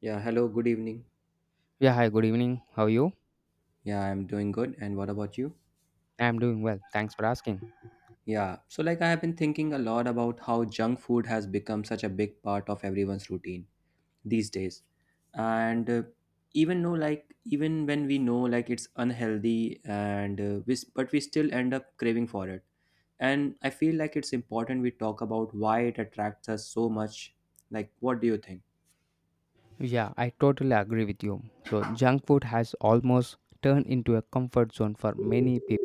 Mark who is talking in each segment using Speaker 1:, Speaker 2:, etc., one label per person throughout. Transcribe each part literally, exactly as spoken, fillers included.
Speaker 1: Yeah, hello, good evening.
Speaker 2: Yeah, hi, good evening. How are you?
Speaker 1: Yeah, I'm doing good. And what about you?
Speaker 2: I'm doing well. Thanks for asking.
Speaker 1: Yeah, so like I have been thinking a lot about how junk food has become such a big part of everyone's routine these days. And uh, Even though like even when we know like it's unhealthy and uh, we s- but we still end up craving for it. And I feel like it's important we talk about why it attracts us so much. Like what do you think?
Speaker 2: Yeah, I totally agree with you. So, junk food has almost turned into a comfort zone for many people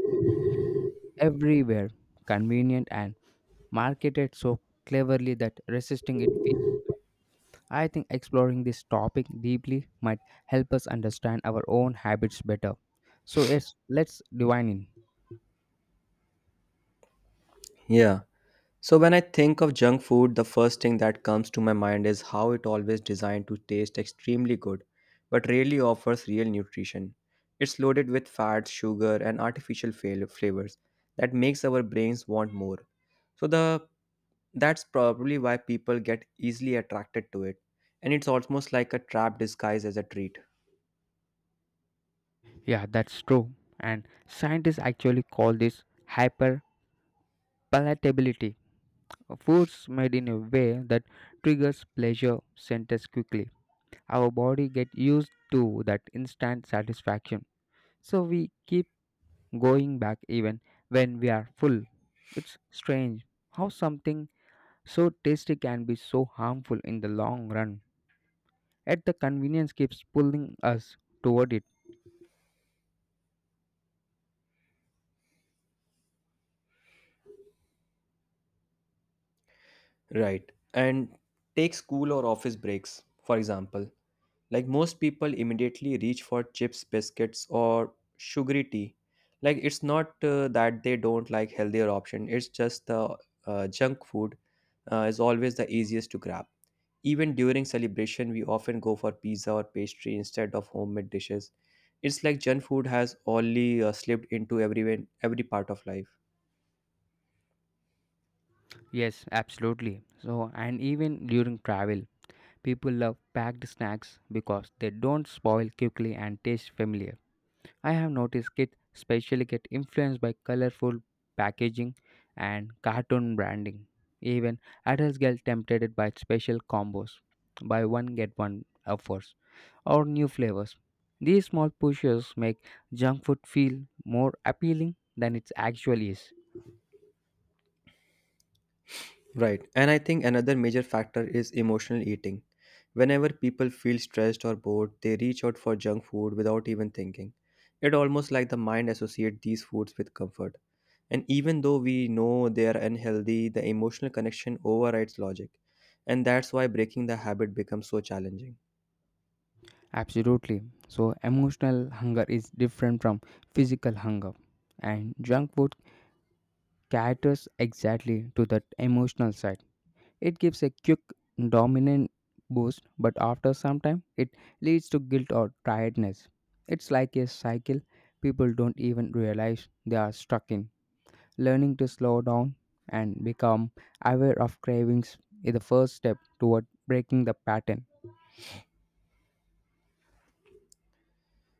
Speaker 2: everywhere, convenient and marketed so cleverly that resisting it feels- I think exploring this topic deeply might help us understand our own habits better. So, yes, let's divine in.
Speaker 1: Yeah. So when I think of junk food, the first thing that comes to my mind is how it always designed to taste extremely good, but rarely offers real nutrition. It's loaded with fats, sugar, and artificial fail- flavors that makes our brains want more. So the That's probably why people get easily attracted to it, and it's almost like a trap disguised as a treat.
Speaker 2: Yeah, that's true. And scientists actually call this hyperpalatability. Foods made in a way that triggers pleasure centers quickly. Our body get used to that instant satisfaction. So we keep going back even when we are full. It's strange how something so tasty can be so harmful in the long run. Yet the convenience keeps pulling us toward it.
Speaker 1: Right. And take school or office breaks, for example. Like most people immediately reach for chips, biscuits, or sugary tea. Like it's not uh, that they don't like healthier option. It's just the uh, junk food uh, is always the easiest to grab. Even during celebration, we often go for pizza or pastry instead of homemade dishes. It's like junk food has only uh, slipped into everyone, every part of life.
Speaker 2: Yes, absolutely. So and even during travel, people love packed snacks because they don't spoil quickly and taste familiar. I have noticed kids especially get influenced by colorful packaging and cartoon branding. Even adults get tempted by special combos, buy one get one offers, or new flavors. These small pushes make junk food feel more appealing than it actually is.
Speaker 1: Right. And I think another major factor is emotional eating. Whenever people feel stressed or bored, they reach out for junk food without even thinking. It almost like the mind associates these foods with comfort. And even though we know they are unhealthy, the emotional connection overrides logic. And that's why breaking the habit becomes so challenging.
Speaker 2: Absolutely. So, emotional hunger is different from physical hunger, and junk food caters exactly to that emotional side. It gives a quick dominant boost, but after some time, it leads to guilt or tiredness. It's like a cycle people don't even realize they are stuck in. Learning to slow down and become aware of cravings is the first step toward breaking the pattern.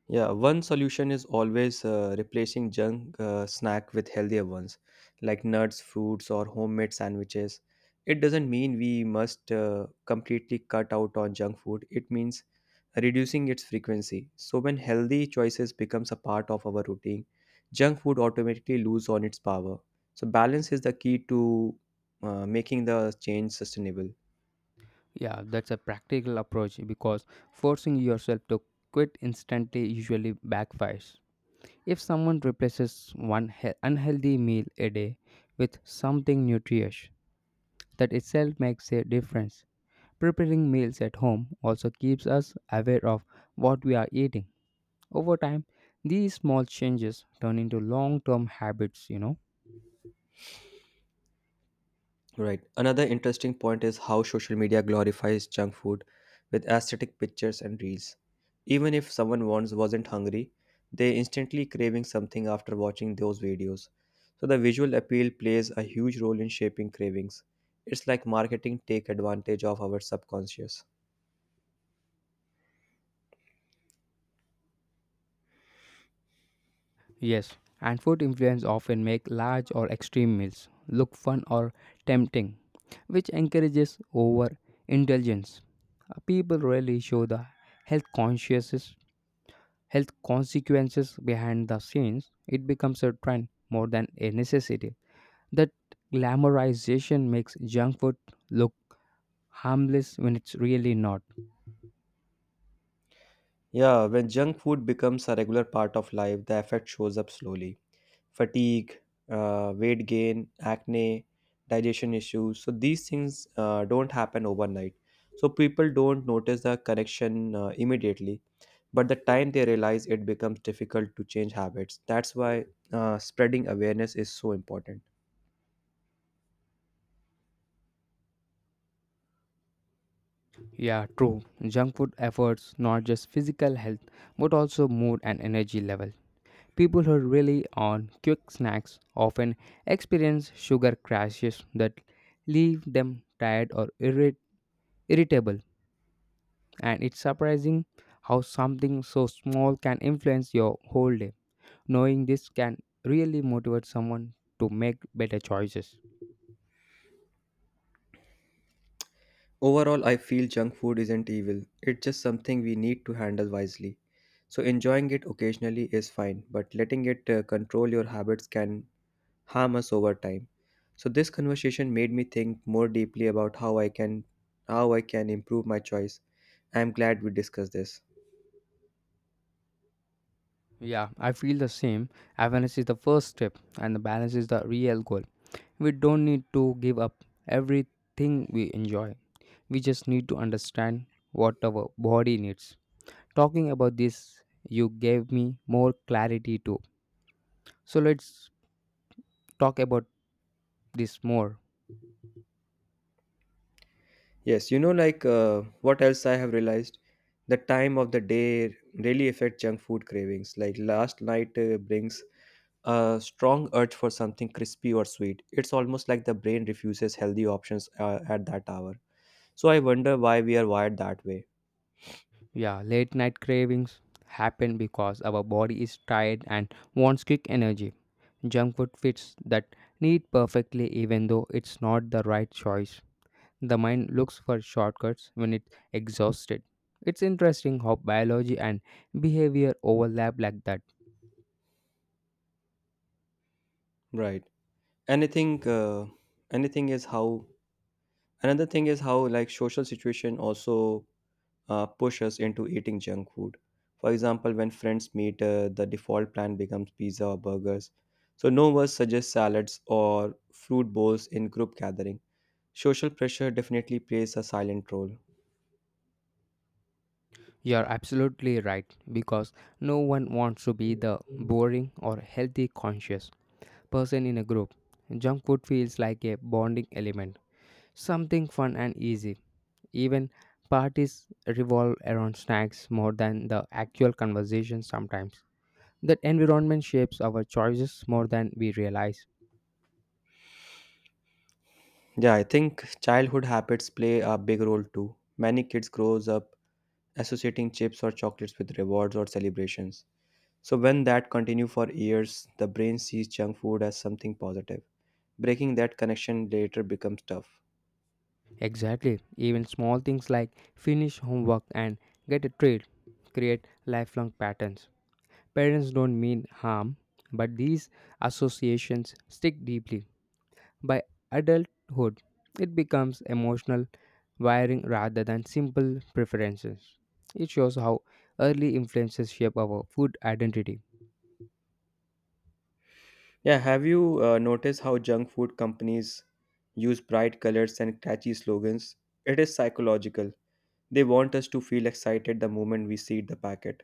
Speaker 1: Yeah, One solution is always uh, replacing junk uh, snack with healthier ones like nuts, fruits, or homemade sandwiches. It doesn't mean we must uh, completely cut out on junk food. It means reducing its frequency. So when healthy choices becomes a part of our routine, junk food automatically lose on its power. So balance is the key to uh, making the change sustainable.
Speaker 2: Yeah, that's a practical approach because forcing yourself to quit instantly usually backfires. If someone replaces one he- unhealthy meal a day with something nutritious, that itself makes a difference. Preparing meals at home also keeps us aware of what we are eating. Over time, these small changes turn into long term habits, you know.
Speaker 1: Right. Another interesting point is how social media glorifies junk food with aesthetic pictures and reels. Even if someone once wasn't hungry, they instantly craving something after watching those videos. So the visual appeal plays a huge role in shaping cravings. It's like marketing take advantage of our subconscious.
Speaker 2: Yes, and food influence often make large or extreme meals look fun or tempting, which encourages overindulgence. Uh, People rarely show the health conscious health consequences behind the scenes. It becomes a trend more than a necessity. That glamorization makes junk food look harmless when it's really not.
Speaker 1: Yeah, when junk food becomes a regular part of life, the effect shows up slowly. Fatigue, uh, weight gain, acne, digestion issues. So these things uh, don't happen overnight. So people don't notice the connection uh, immediately, but the time they realize it becomes difficult to change habits. That's why uh, spreading awareness is so important.
Speaker 2: Yeah, true. Junk food efforts not just physical health but also mood and energy level. People who rely on quick snacks often experience sugar crashes that leave them tired or irrit- irritable, and it's surprising how something so small can influence your whole day. Knowing this can really motivate someone to make better choices.
Speaker 1: Overall, I feel junk food isn't evil. It's just something we need to handle wisely. So enjoying it occasionally is fine, but letting it uh, control your habits can harm us over time. So this conversation made me think more deeply about how I can how I can improve my choice. I am glad we discussed this.
Speaker 2: Yeah, I feel the same. Awareness is the first step, and the balance is the real goal. We don't need to give up everything we enjoy. We just need to understand what our body needs. Talking about this, you gave me more clarity too. So let's talk about this more.
Speaker 1: Yes, you know like uh, what else I have realized the time of the day really affect junk food cravings. Like last night uh, brings a strong urge for something crispy or sweet. It's almost like the brain refuses healthy options uh, at that hour. So I wonder why we are wired that way.
Speaker 2: Yeah, late night cravings happen because our body is tired and wants quick energy. Junk food fits that need perfectly, even though it's not the right choice. The mind looks for shortcuts when it's exhausted. It's interesting how biology and behavior overlap like that.
Speaker 1: Right. Anything uh, anything is how Another thing is how like social situation also uh, push us into eating junk food. For example, when friends meet, uh, the default plan becomes pizza or burgers, so no one suggests salads or fruit bowls in group gathering. Social pressure definitely plays a silent role.
Speaker 2: You're absolutely right because no one wants to be the boring or healthy conscious person in a group. Junk food feels like a bonding element, something fun and easy. Even parties revolve around snacks more than the actual conversation sometimes. That environment shapes our choices more than we realize.
Speaker 1: Yeah, I think childhood habits play a big role too. Many kids grows up associating chips or chocolates with rewards or celebrations, so when that continue for years the brain sees junk food as something positive. Breaking that connection later becomes tough.
Speaker 2: Exactly. Even small things like finish homework and get a treat create lifelong patterns. Parents don't mean harm, but these associations stick deeply. By adulthood, it becomes emotional wiring rather than simple preferences. It shows how early influences shape our food identity.
Speaker 1: Yeah, have you uh, noticed how junk food companies use bright colors and catchy slogans? It is psychological. They want us to feel excited the moment we see the packet.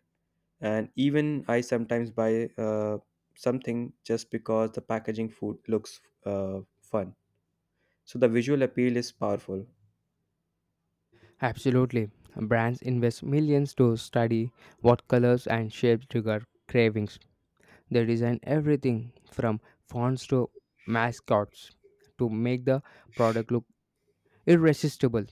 Speaker 1: And even I sometimes buy uh, something just because the packaging food looks uh, fun. So the visual appeal is powerful.
Speaker 2: Absolutely. Brands invest millions to study what colors and shapes trigger cravings. They design everything from fonts to mascots to make the product look irresistible.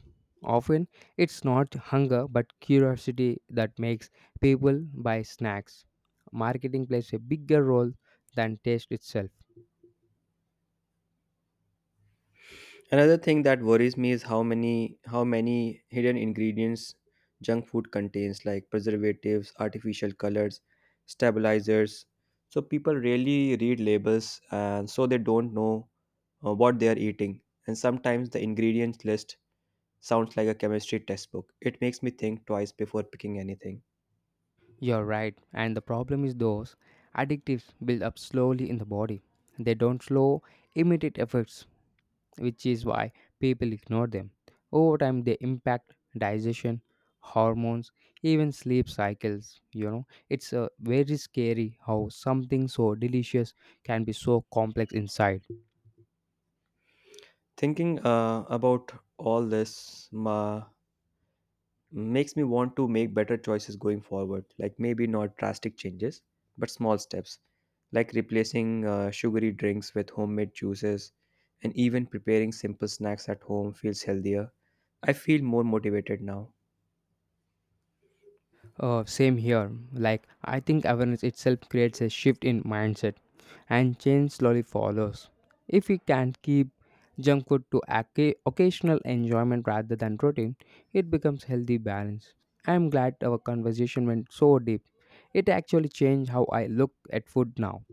Speaker 2: Often, it's not hunger but curiosity that makes people buy snacks. Marketing plays a bigger role than taste itself.
Speaker 1: Another thing that worries me is how many how many hidden ingredients junk food contains, like preservatives, artificial colors, stabilizers. So people rarely read labels and so they don't know uh, what they are eating. And sometimes the ingredients list sounds like a chemistry textbook. It makes me think twice before picking anything.
Speaker 2: You're right, and the problem is those addictives build up slowly in the body. They don't slow immediate effects, which is why people ignore them. Over time, they impact digestion, hormones, even sleep cycles. You know, it's uh, very scary how something so delicious can be so complex inside.
Speaker 1: Thinking uh, about all this, ma makes me want to make better choices going forward, like maybe not drastic changes but small steps, like replacing uh, sugary drinks with homemade juices, and even preparing simple snacks at home feels healthier. I feel more motivated now.
Speaker 2: Uh, same here. Like, I think awareness itself creates a shift in mindset, and change slowly follows. If we can keep junk food to occa- occasional enjoyment rather than routine, it becomes healthy balance. I am glad our conversation went so deep. It actually changed how I look at food now.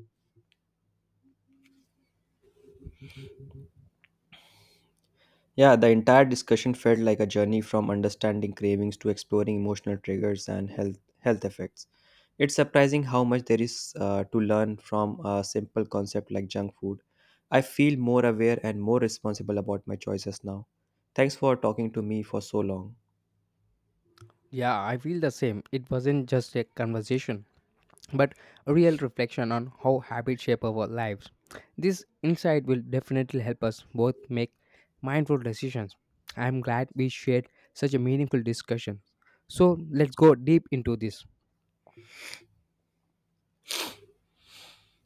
Speaker 1: Yeah, the entire discussion felt like a journey from understanding cravings to exploring emotional triggers and health health effects. It's surprising how much there is uh, to learn from a simple concept like junk food. I feel more aware and more responsible about my choices now. Thanks for talking to me for so long.
Speaker 2: Yeah, I feel the same. It wasn't just a conversation, but real reflection on how habits shape our lives. This insight will definitely help us both make mindful decisions. I am glad we shared such a meaningful discussion. So let's go deep into this.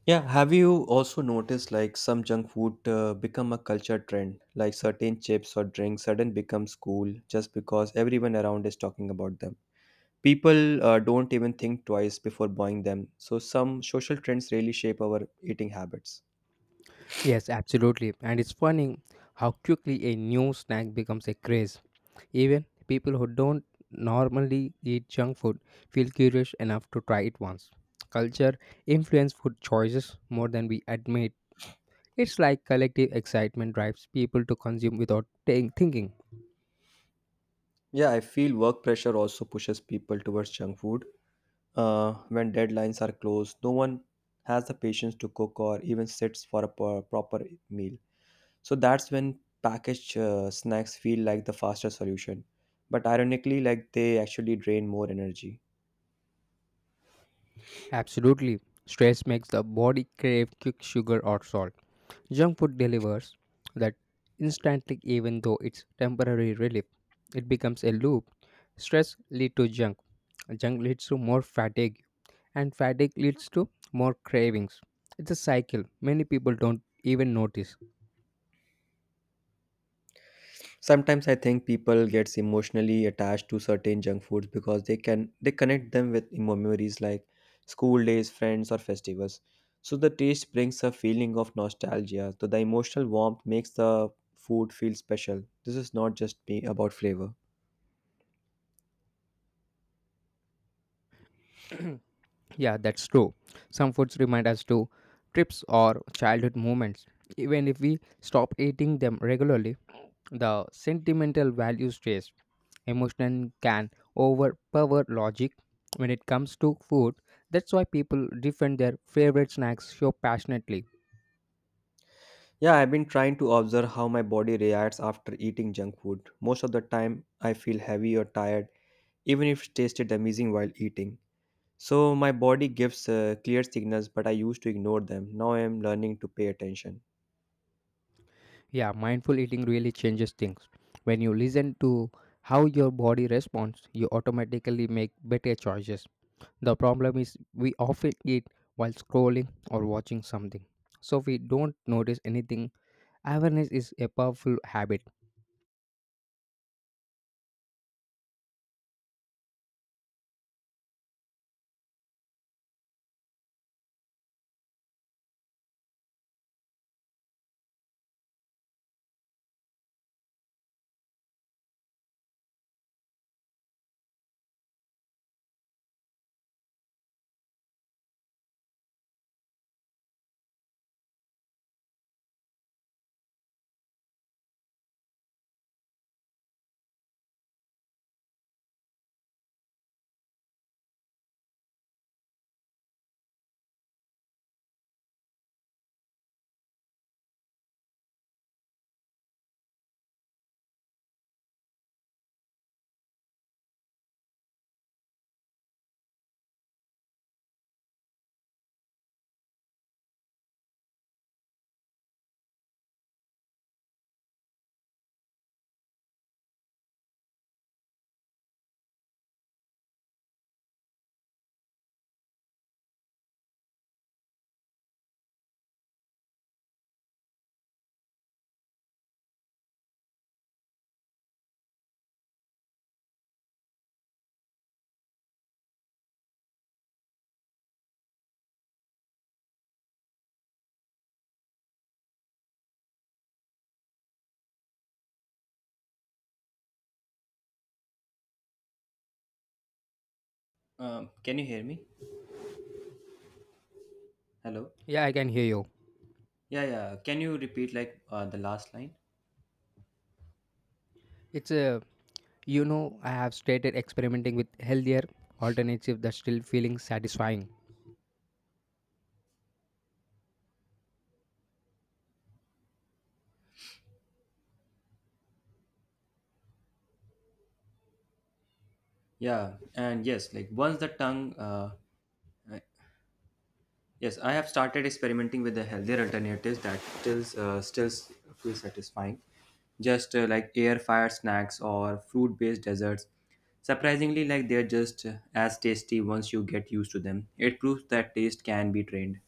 Speaker 1: Yeah, have you also noticed like some junk food uh, become a culture trend? Like certain chips or drinks sudden becomes cool just because everyone around is talking about them. People uh, don't even think twice before buying them. So some social trends really shape our eating habits.
Speaker 2: Yes, absolutely. And it's funny how quickly a new snack becomes a craze. Even people who don't normally eat junk food feel curious enough to try it once. Culture influences food choices more than we admit. It's like collective excitement drives people to consume without ta- thinking.
Speaker 1: Yeah, I feel work pressure also pushes people towards junk food. Uh, when deadlines are close, no one has the patience to cook or even sits for a pro- proper meal. So that's when packaged uh, snacks feel like the faster solution. But ironically, like they actually drain more energy.
Speaker 2: Absolutely. Stress makes the body crave quick sugar or salt. Junk food delivers that instantly even though it's temporary relief. It becomes a loop. Stress leads to junk. Junk leads to more fatigue and fatigue leads to more cravings. It's a cycle. Many people don't even notice.
Speaker 1: Sometimes I think people gets emotionally attached to certain junk foods because they can they connect them with memories like school days, friends, or festivals. So the taste brings a feeling of nostalgia. So the emotional warmth makes the food feel special. This is not just be about flavor.
Speaker 2: Yeah, that's true. Some foods remind us to trips or childhood moments. Even if we stop eating them regularly, the sentimental value stays. Emotion can overpower logic when it comes to food. That's why people defend their favorite snacks so passionately.
Speaker 1: Yeah, I've been trying to observe how my body reacts after eating junk food. Most of the time, I feel heavy or tired, even if it tasted amazing while eating. So my body gives uh, clear signals, but I used to ignore them. Now I am learning to pay attention.
Speaker 2: Yeah, mindful eating really changes things. When you listen to how your body responds, you automatically make better choices. The problem is we often eat while scrolling or watching something. So we don't notice anything. Awareness is a powerful habit.
Speaker 1: Um, can you hear me? Hello?
Speaker 2: Yeah, I can hear you.
Speaker 1: Yeah, yeah. Can you repeat like uh, the last line?
Speaker 2: It's a, you know, I have started experimenting with healthier alternatives that still feeling satisfying.
Speaker 1: Yeah, and yes, like once the tongue uh, Yes, I have started experimenting with the healthier alternatives that still uh, still s- feel satisfying, just uh, like air fried snacks or fruit based desserts. Surprisingly, like they're just uh, as tasty once you get used to them. It proves that taste can be trained.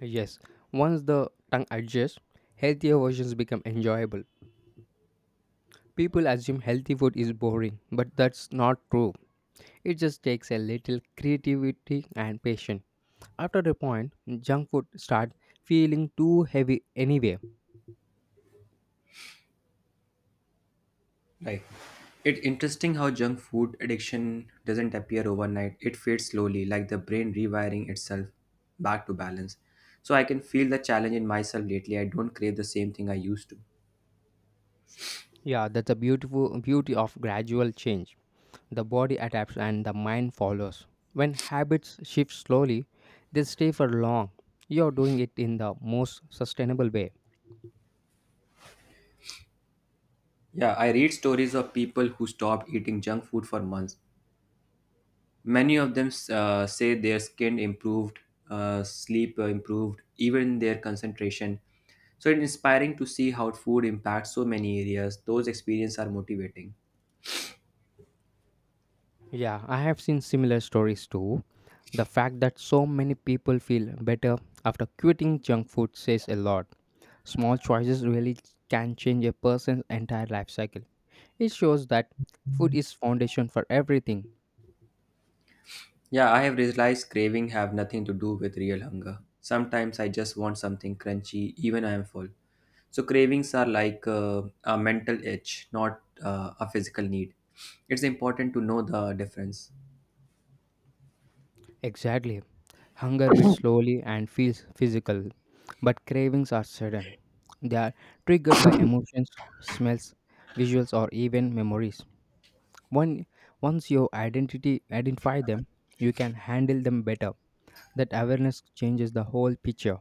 Speaker 2: Yes. Once the tongue adjusts, healthier versions become enjoyable. People assume healthy food is boring, but that's not true. It just takes a little creativity and patience. After a point, junk food starts feeling too heavy anyway.
Speaker 1: Like it's interesting how junk food addiction doesn't appear overnight. It fades slowly, like the brain rewiring itself back to balance. So I can feel the challenge in myself lately. I don't crave the same thing I used to.
Speaker 2: Yeah, that's the beautiful beauty of gradual change. The body adapts and the mind follows. When habits shift slowly, they stay for long. You're doing it in the most sustainable way.
Speaker 1: Yeah, I read stories of people who stopped eating junk food for months. Many of them uh, say their skin improved, uh, sleep improved, even their concentration. So it's inspiring to see how food impacts so many areas. Those experiences are motivating.
Speaker 2: Yeah, I have seen similar stories too. The fact that so many people feel better after quitting junk food says a lot. Small choices really can change a person's entire life cycle. It shows that food is foundation for everything.
Speaker 1: Yeah, I have realized craving have nothing to do with real hunger. Sometimes I just want something crunchy, even I am full. So cravings are like uh, a mental itch, not uh, a physical need. It's important to know the difference.
Speaker 2: Exactly. Hunger beats slowly and feels physical, but cravings are sudden. They are triggered by emotions, smells, visuals or even memories. One, once you identity identify them, you can handle them better. That awareness changes the whole picture.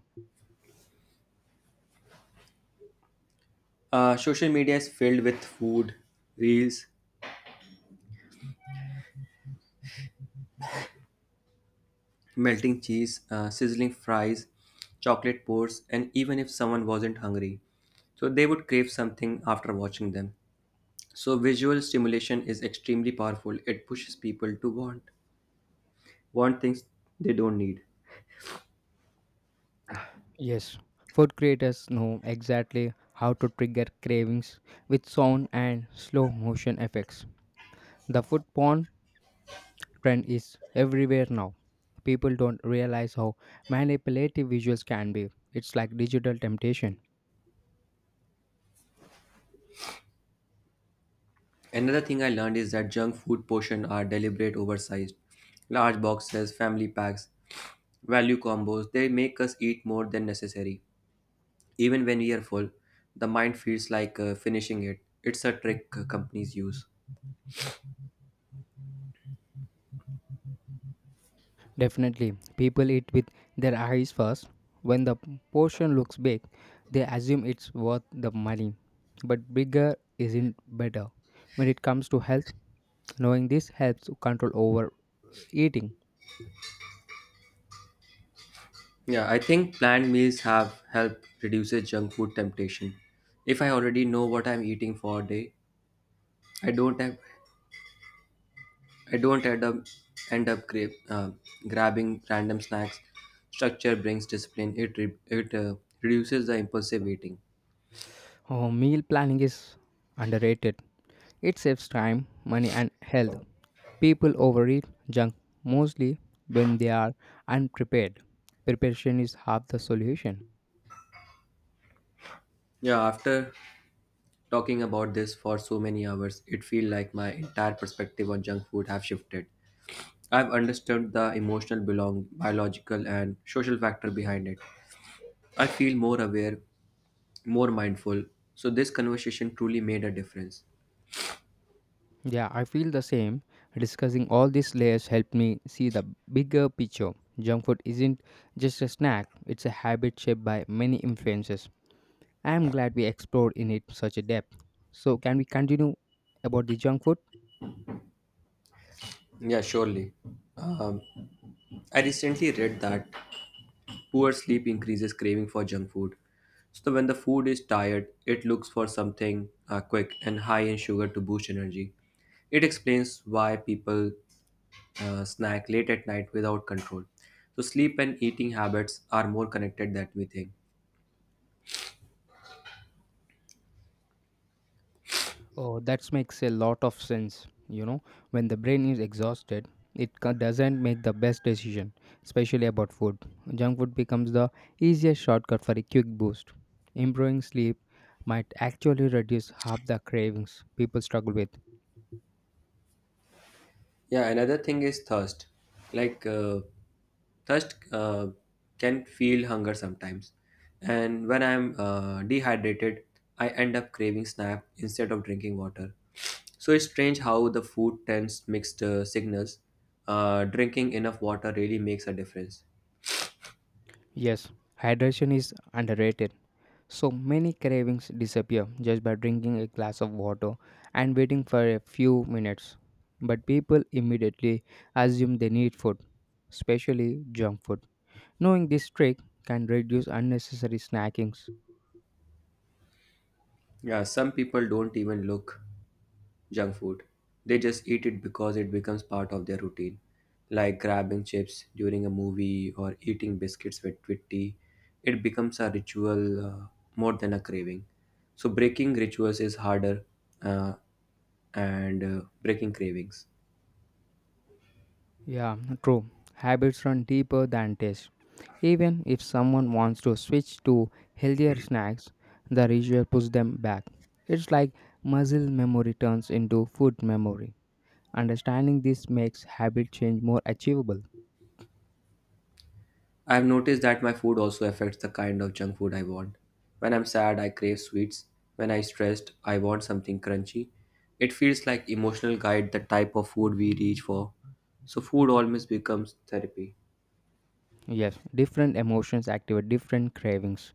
Speaker 1: Uh, social media is filled with food, reels, melting cheese, uh, sizzling fries, chocolate pours, and even if someone wasn't hungry, so they would crave something after watching them. So visual stimulation is extremely powerful. It pushes people to want want things they don't need.
Speaker 2: Yes, food creators know exactly how to trigger cravings with sound and slow motion effects. The food porn trend is everywhere now. People don't realize how manipulative visuals can be. It's like digital temptation.
Speaker 1: Another thing I learned is that junk food portion are deliberate oversized. Large boxes, family packs, value combos, they make us eat more than necessary. Even when we are full, the mind feels like uh, finishing it. It's a trick uh, companies use.
Speaker 2: Definitely, people eat with their eyes first. When the portion looks big, they assume it's worth the money. But bigger isn't better. When it comes to health, knowing this helps to control over eating.
Speaker 1: Yeah, I think planned meals have helped reduces junk food temptation. If I already know what I'm eating for a day, I don't have, I don't end up end up gra- uh, grabbing random snacks. Structure brings discipline. It re- it uh, reduces the impulsive eating.
Speaker 2: Oh, meal planning is underrated. It saves time, money, and health. People overeat junk mostly when they are unprepared. Preparation is half the solution.
Speaker 1: Yeah, after talking about this for so many hours, it feels like my entire perspective on junk food have shifted. I've understood the emotional, belong, biological, and social factor behind it. I feel more aware, more mindful. So this conversation truly made a difference.
Speaker 2: Yeah, I feel the same. Discussing all these layers helped me see the bigger picture. Junk food isn't just a snack, it's a habit shaped by many influences. I am glad we explored in it such a depth. So, can we continue about the junk food?
Speaker 1: Yeah, surely. Um, I recently read that poor sleep increases craving for junk food. So when the food is tired, it looks for something uh, quick and high in sugar to boost energy. It explains why people uh, snack late at night without control. So sleep and eating habits are more connected than we think.
Speaker 2: Oh, that makes a lot of sense. You know, when the brain is exhausted, it ca- doesn't make the best decision, especially about food. Junk food becomes the easiest shortcut for a quick boost. Improving sleep might actually reduce half the cravings people struggle with.
Speaker 1: Yeah, another thing is thirst. Like uh, thirst uh, can feel hunger sometimes, and when I'm uh, dehydrated, I end up craving snack instead of drinking water. So it's strange how the food sends mixed uh, signals. Uh, drinking enough water really makes a difference.
Speaker 2: Yes, hydration is underrated. So many cravings disappear just by drinking a glass of water and waiting for a few minutes. But people immediately assume they need food, especially junk food. Knowing this trick can reduce unnecessary snackings.
Speaker 1: Yeah, some people don't even look junk food. They just eat it because it becomes part of their routine, like grabbing chips during a movie or eating biscuits with, with tea. It becomes a ritual uh, more than a craving. So, breaking rituals is harder uh, and uh, breaking cravings.
Speaker 2: Yeah, true. Habits run deeper than taste. Even if someone wants to switch to healthier snacks, the ritual pushes them back. It's like muscle memory turns into food memory. Understanding this makes habit change more achievable.
Speaker 1: I've noticed that my food also affects the kind of junk food I want. When I'm sad, I crave sweets. When I'm stressed, I want something crunchy. It feels like emotional guide the type of food we reach for. So food almost becomes therapy.
Speaker 2: Yes, different emotions activate different cravings.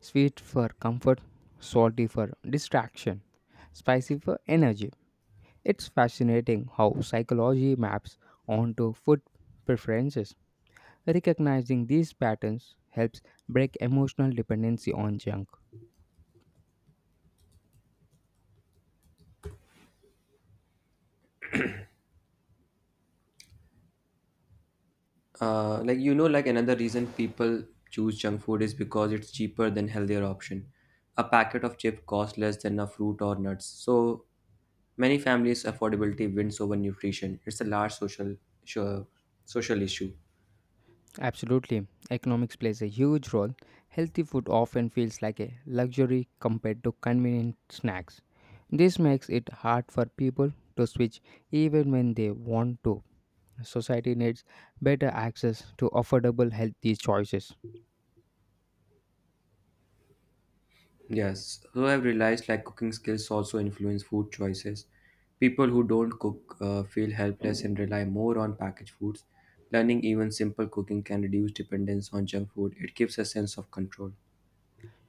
Speaker 2: Sweet for comfort, salty for distraction, spicy for energy. It's fascinating how psychology maps onto food preferences. Recognizing these patterns helps break emotional dependency on junk.
Speaker 1: Uh, like you know, like another reason people choose junk food is because it's cheaper than healthier option. A packet of chips costs less than a fruit or nuts. So many families affordability wins over nutrition. It's a large social sure, social issue.
Speaker 2: Absolutely, economics plays a huge role. Healthy food often feels like a luxury compared to convenient snacks. This makes it hard for people to switch even when they want to. Society needs better access to affordable healthy choices.
Speaker 1: Yes, so I've realized like cooking skills also influence food choices. People who don't cook uh, feel helpless and rely more on packaged foods. Learning even simple cooking can reduce dependence on junk food. It gives a sense of control.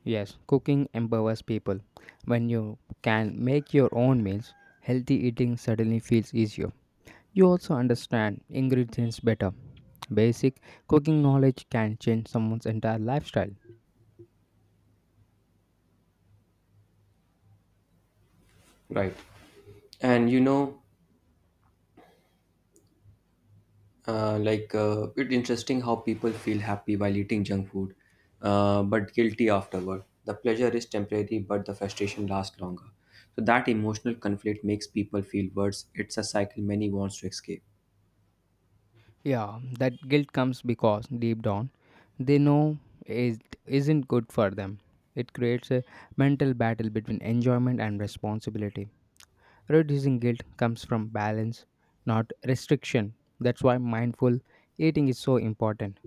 Speaker 2: Yes, cooking empowers people. When you can make your own meals, healthy eating suddenly feels easier. You also understand ingredients better. Basic cooking knowledge can change someone's entire lifestyle.
Speaker 1: Right. And you know, uh, like uh, It's interesting how people feel happy while eating junk food, uh, but guilty afterward. The pleasure is temporary, but the frustration lasts longer. So that emotional conflict makes people feel worse. It's a cycle many wants to escape.
Speaker 2: Yeah, that guilt comes because deep down they know it isn't good for them. It creates a mental battle between enjoyment and responsibility. Reducing guilt comes from balance, not restriction. That's why mindful eating is so important.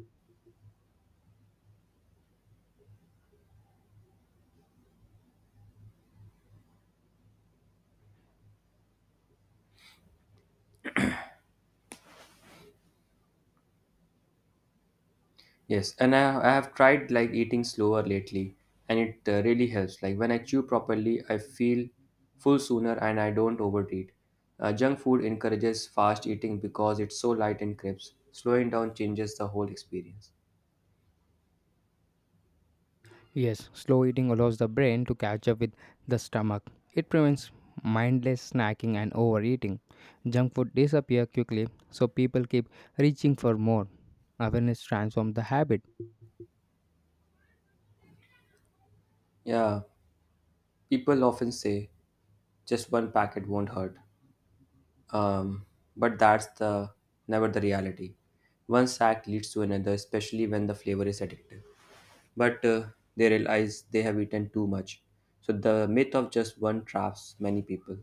Speaker 1: Yes, and I, I have tried like eating slower lately, and it uh, really helps. Like when I chew properly, I feel full sooner and I don't overeat. Uh, junk food encourages fast eating because it's so light and crisp. Slowing down changes the whole experience.
Speaker 2: Yes, slow eating allows the brain to catch up with the stomach. It prevents mindless snacking and overeating. Junk food disappear quickly, so people keep reaching for more. Awareness transforms the habit.
Speaker 1: Yeah, people often say just one packet won't hurt, um, but that's the never the reality. One sack leads to another, especially when the flavor is addictive. But uh, They realize they have eaten too much. So the myth of just one traps many people.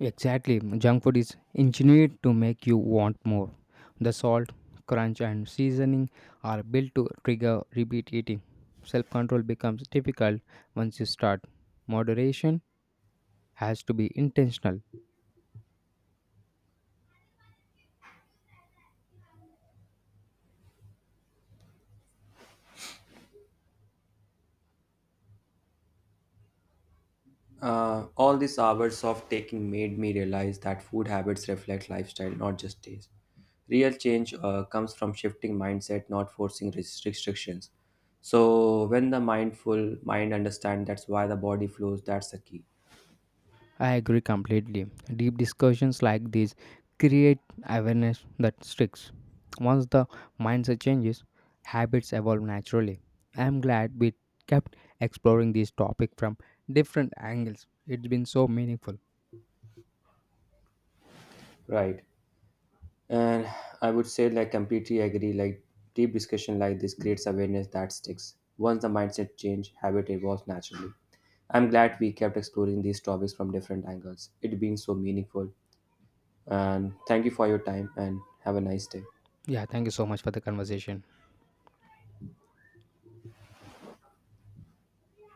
Speaker 2: Exactly, junk food is engineered to make you want more. The salt, crunch, and seasoning are built to trigger repeat eating. Self control becomes difficult once you start. Moderation has to be intentional.
Speaker 1: Uh, all these hours of taking made me realize that food habits reflect lifestyle, not just taste. Real change uh, comes from shifting mindset, not forcing res- restrictions. So when the mindful mind understands that's why the body flows, that's the key.
Speaker 2: I agree completely. Deep discussions like these create awareness that sticks. Once the mindset changes, habits evolve naturally. I am glad we kept exploring this topic from different angles. It's been so meaningful.
Speaker 1: Right. And I would say, like, completely agree. Like, deep discussion like this creates awareness that sticks. Once the mindset change, habit evolves naturally. I'm glad we kept exploring these topics from different angles. It's been so meaningful. And thank you for your time and have a nice day.
Speaker 2: Yeah, thank you so much for the conversation.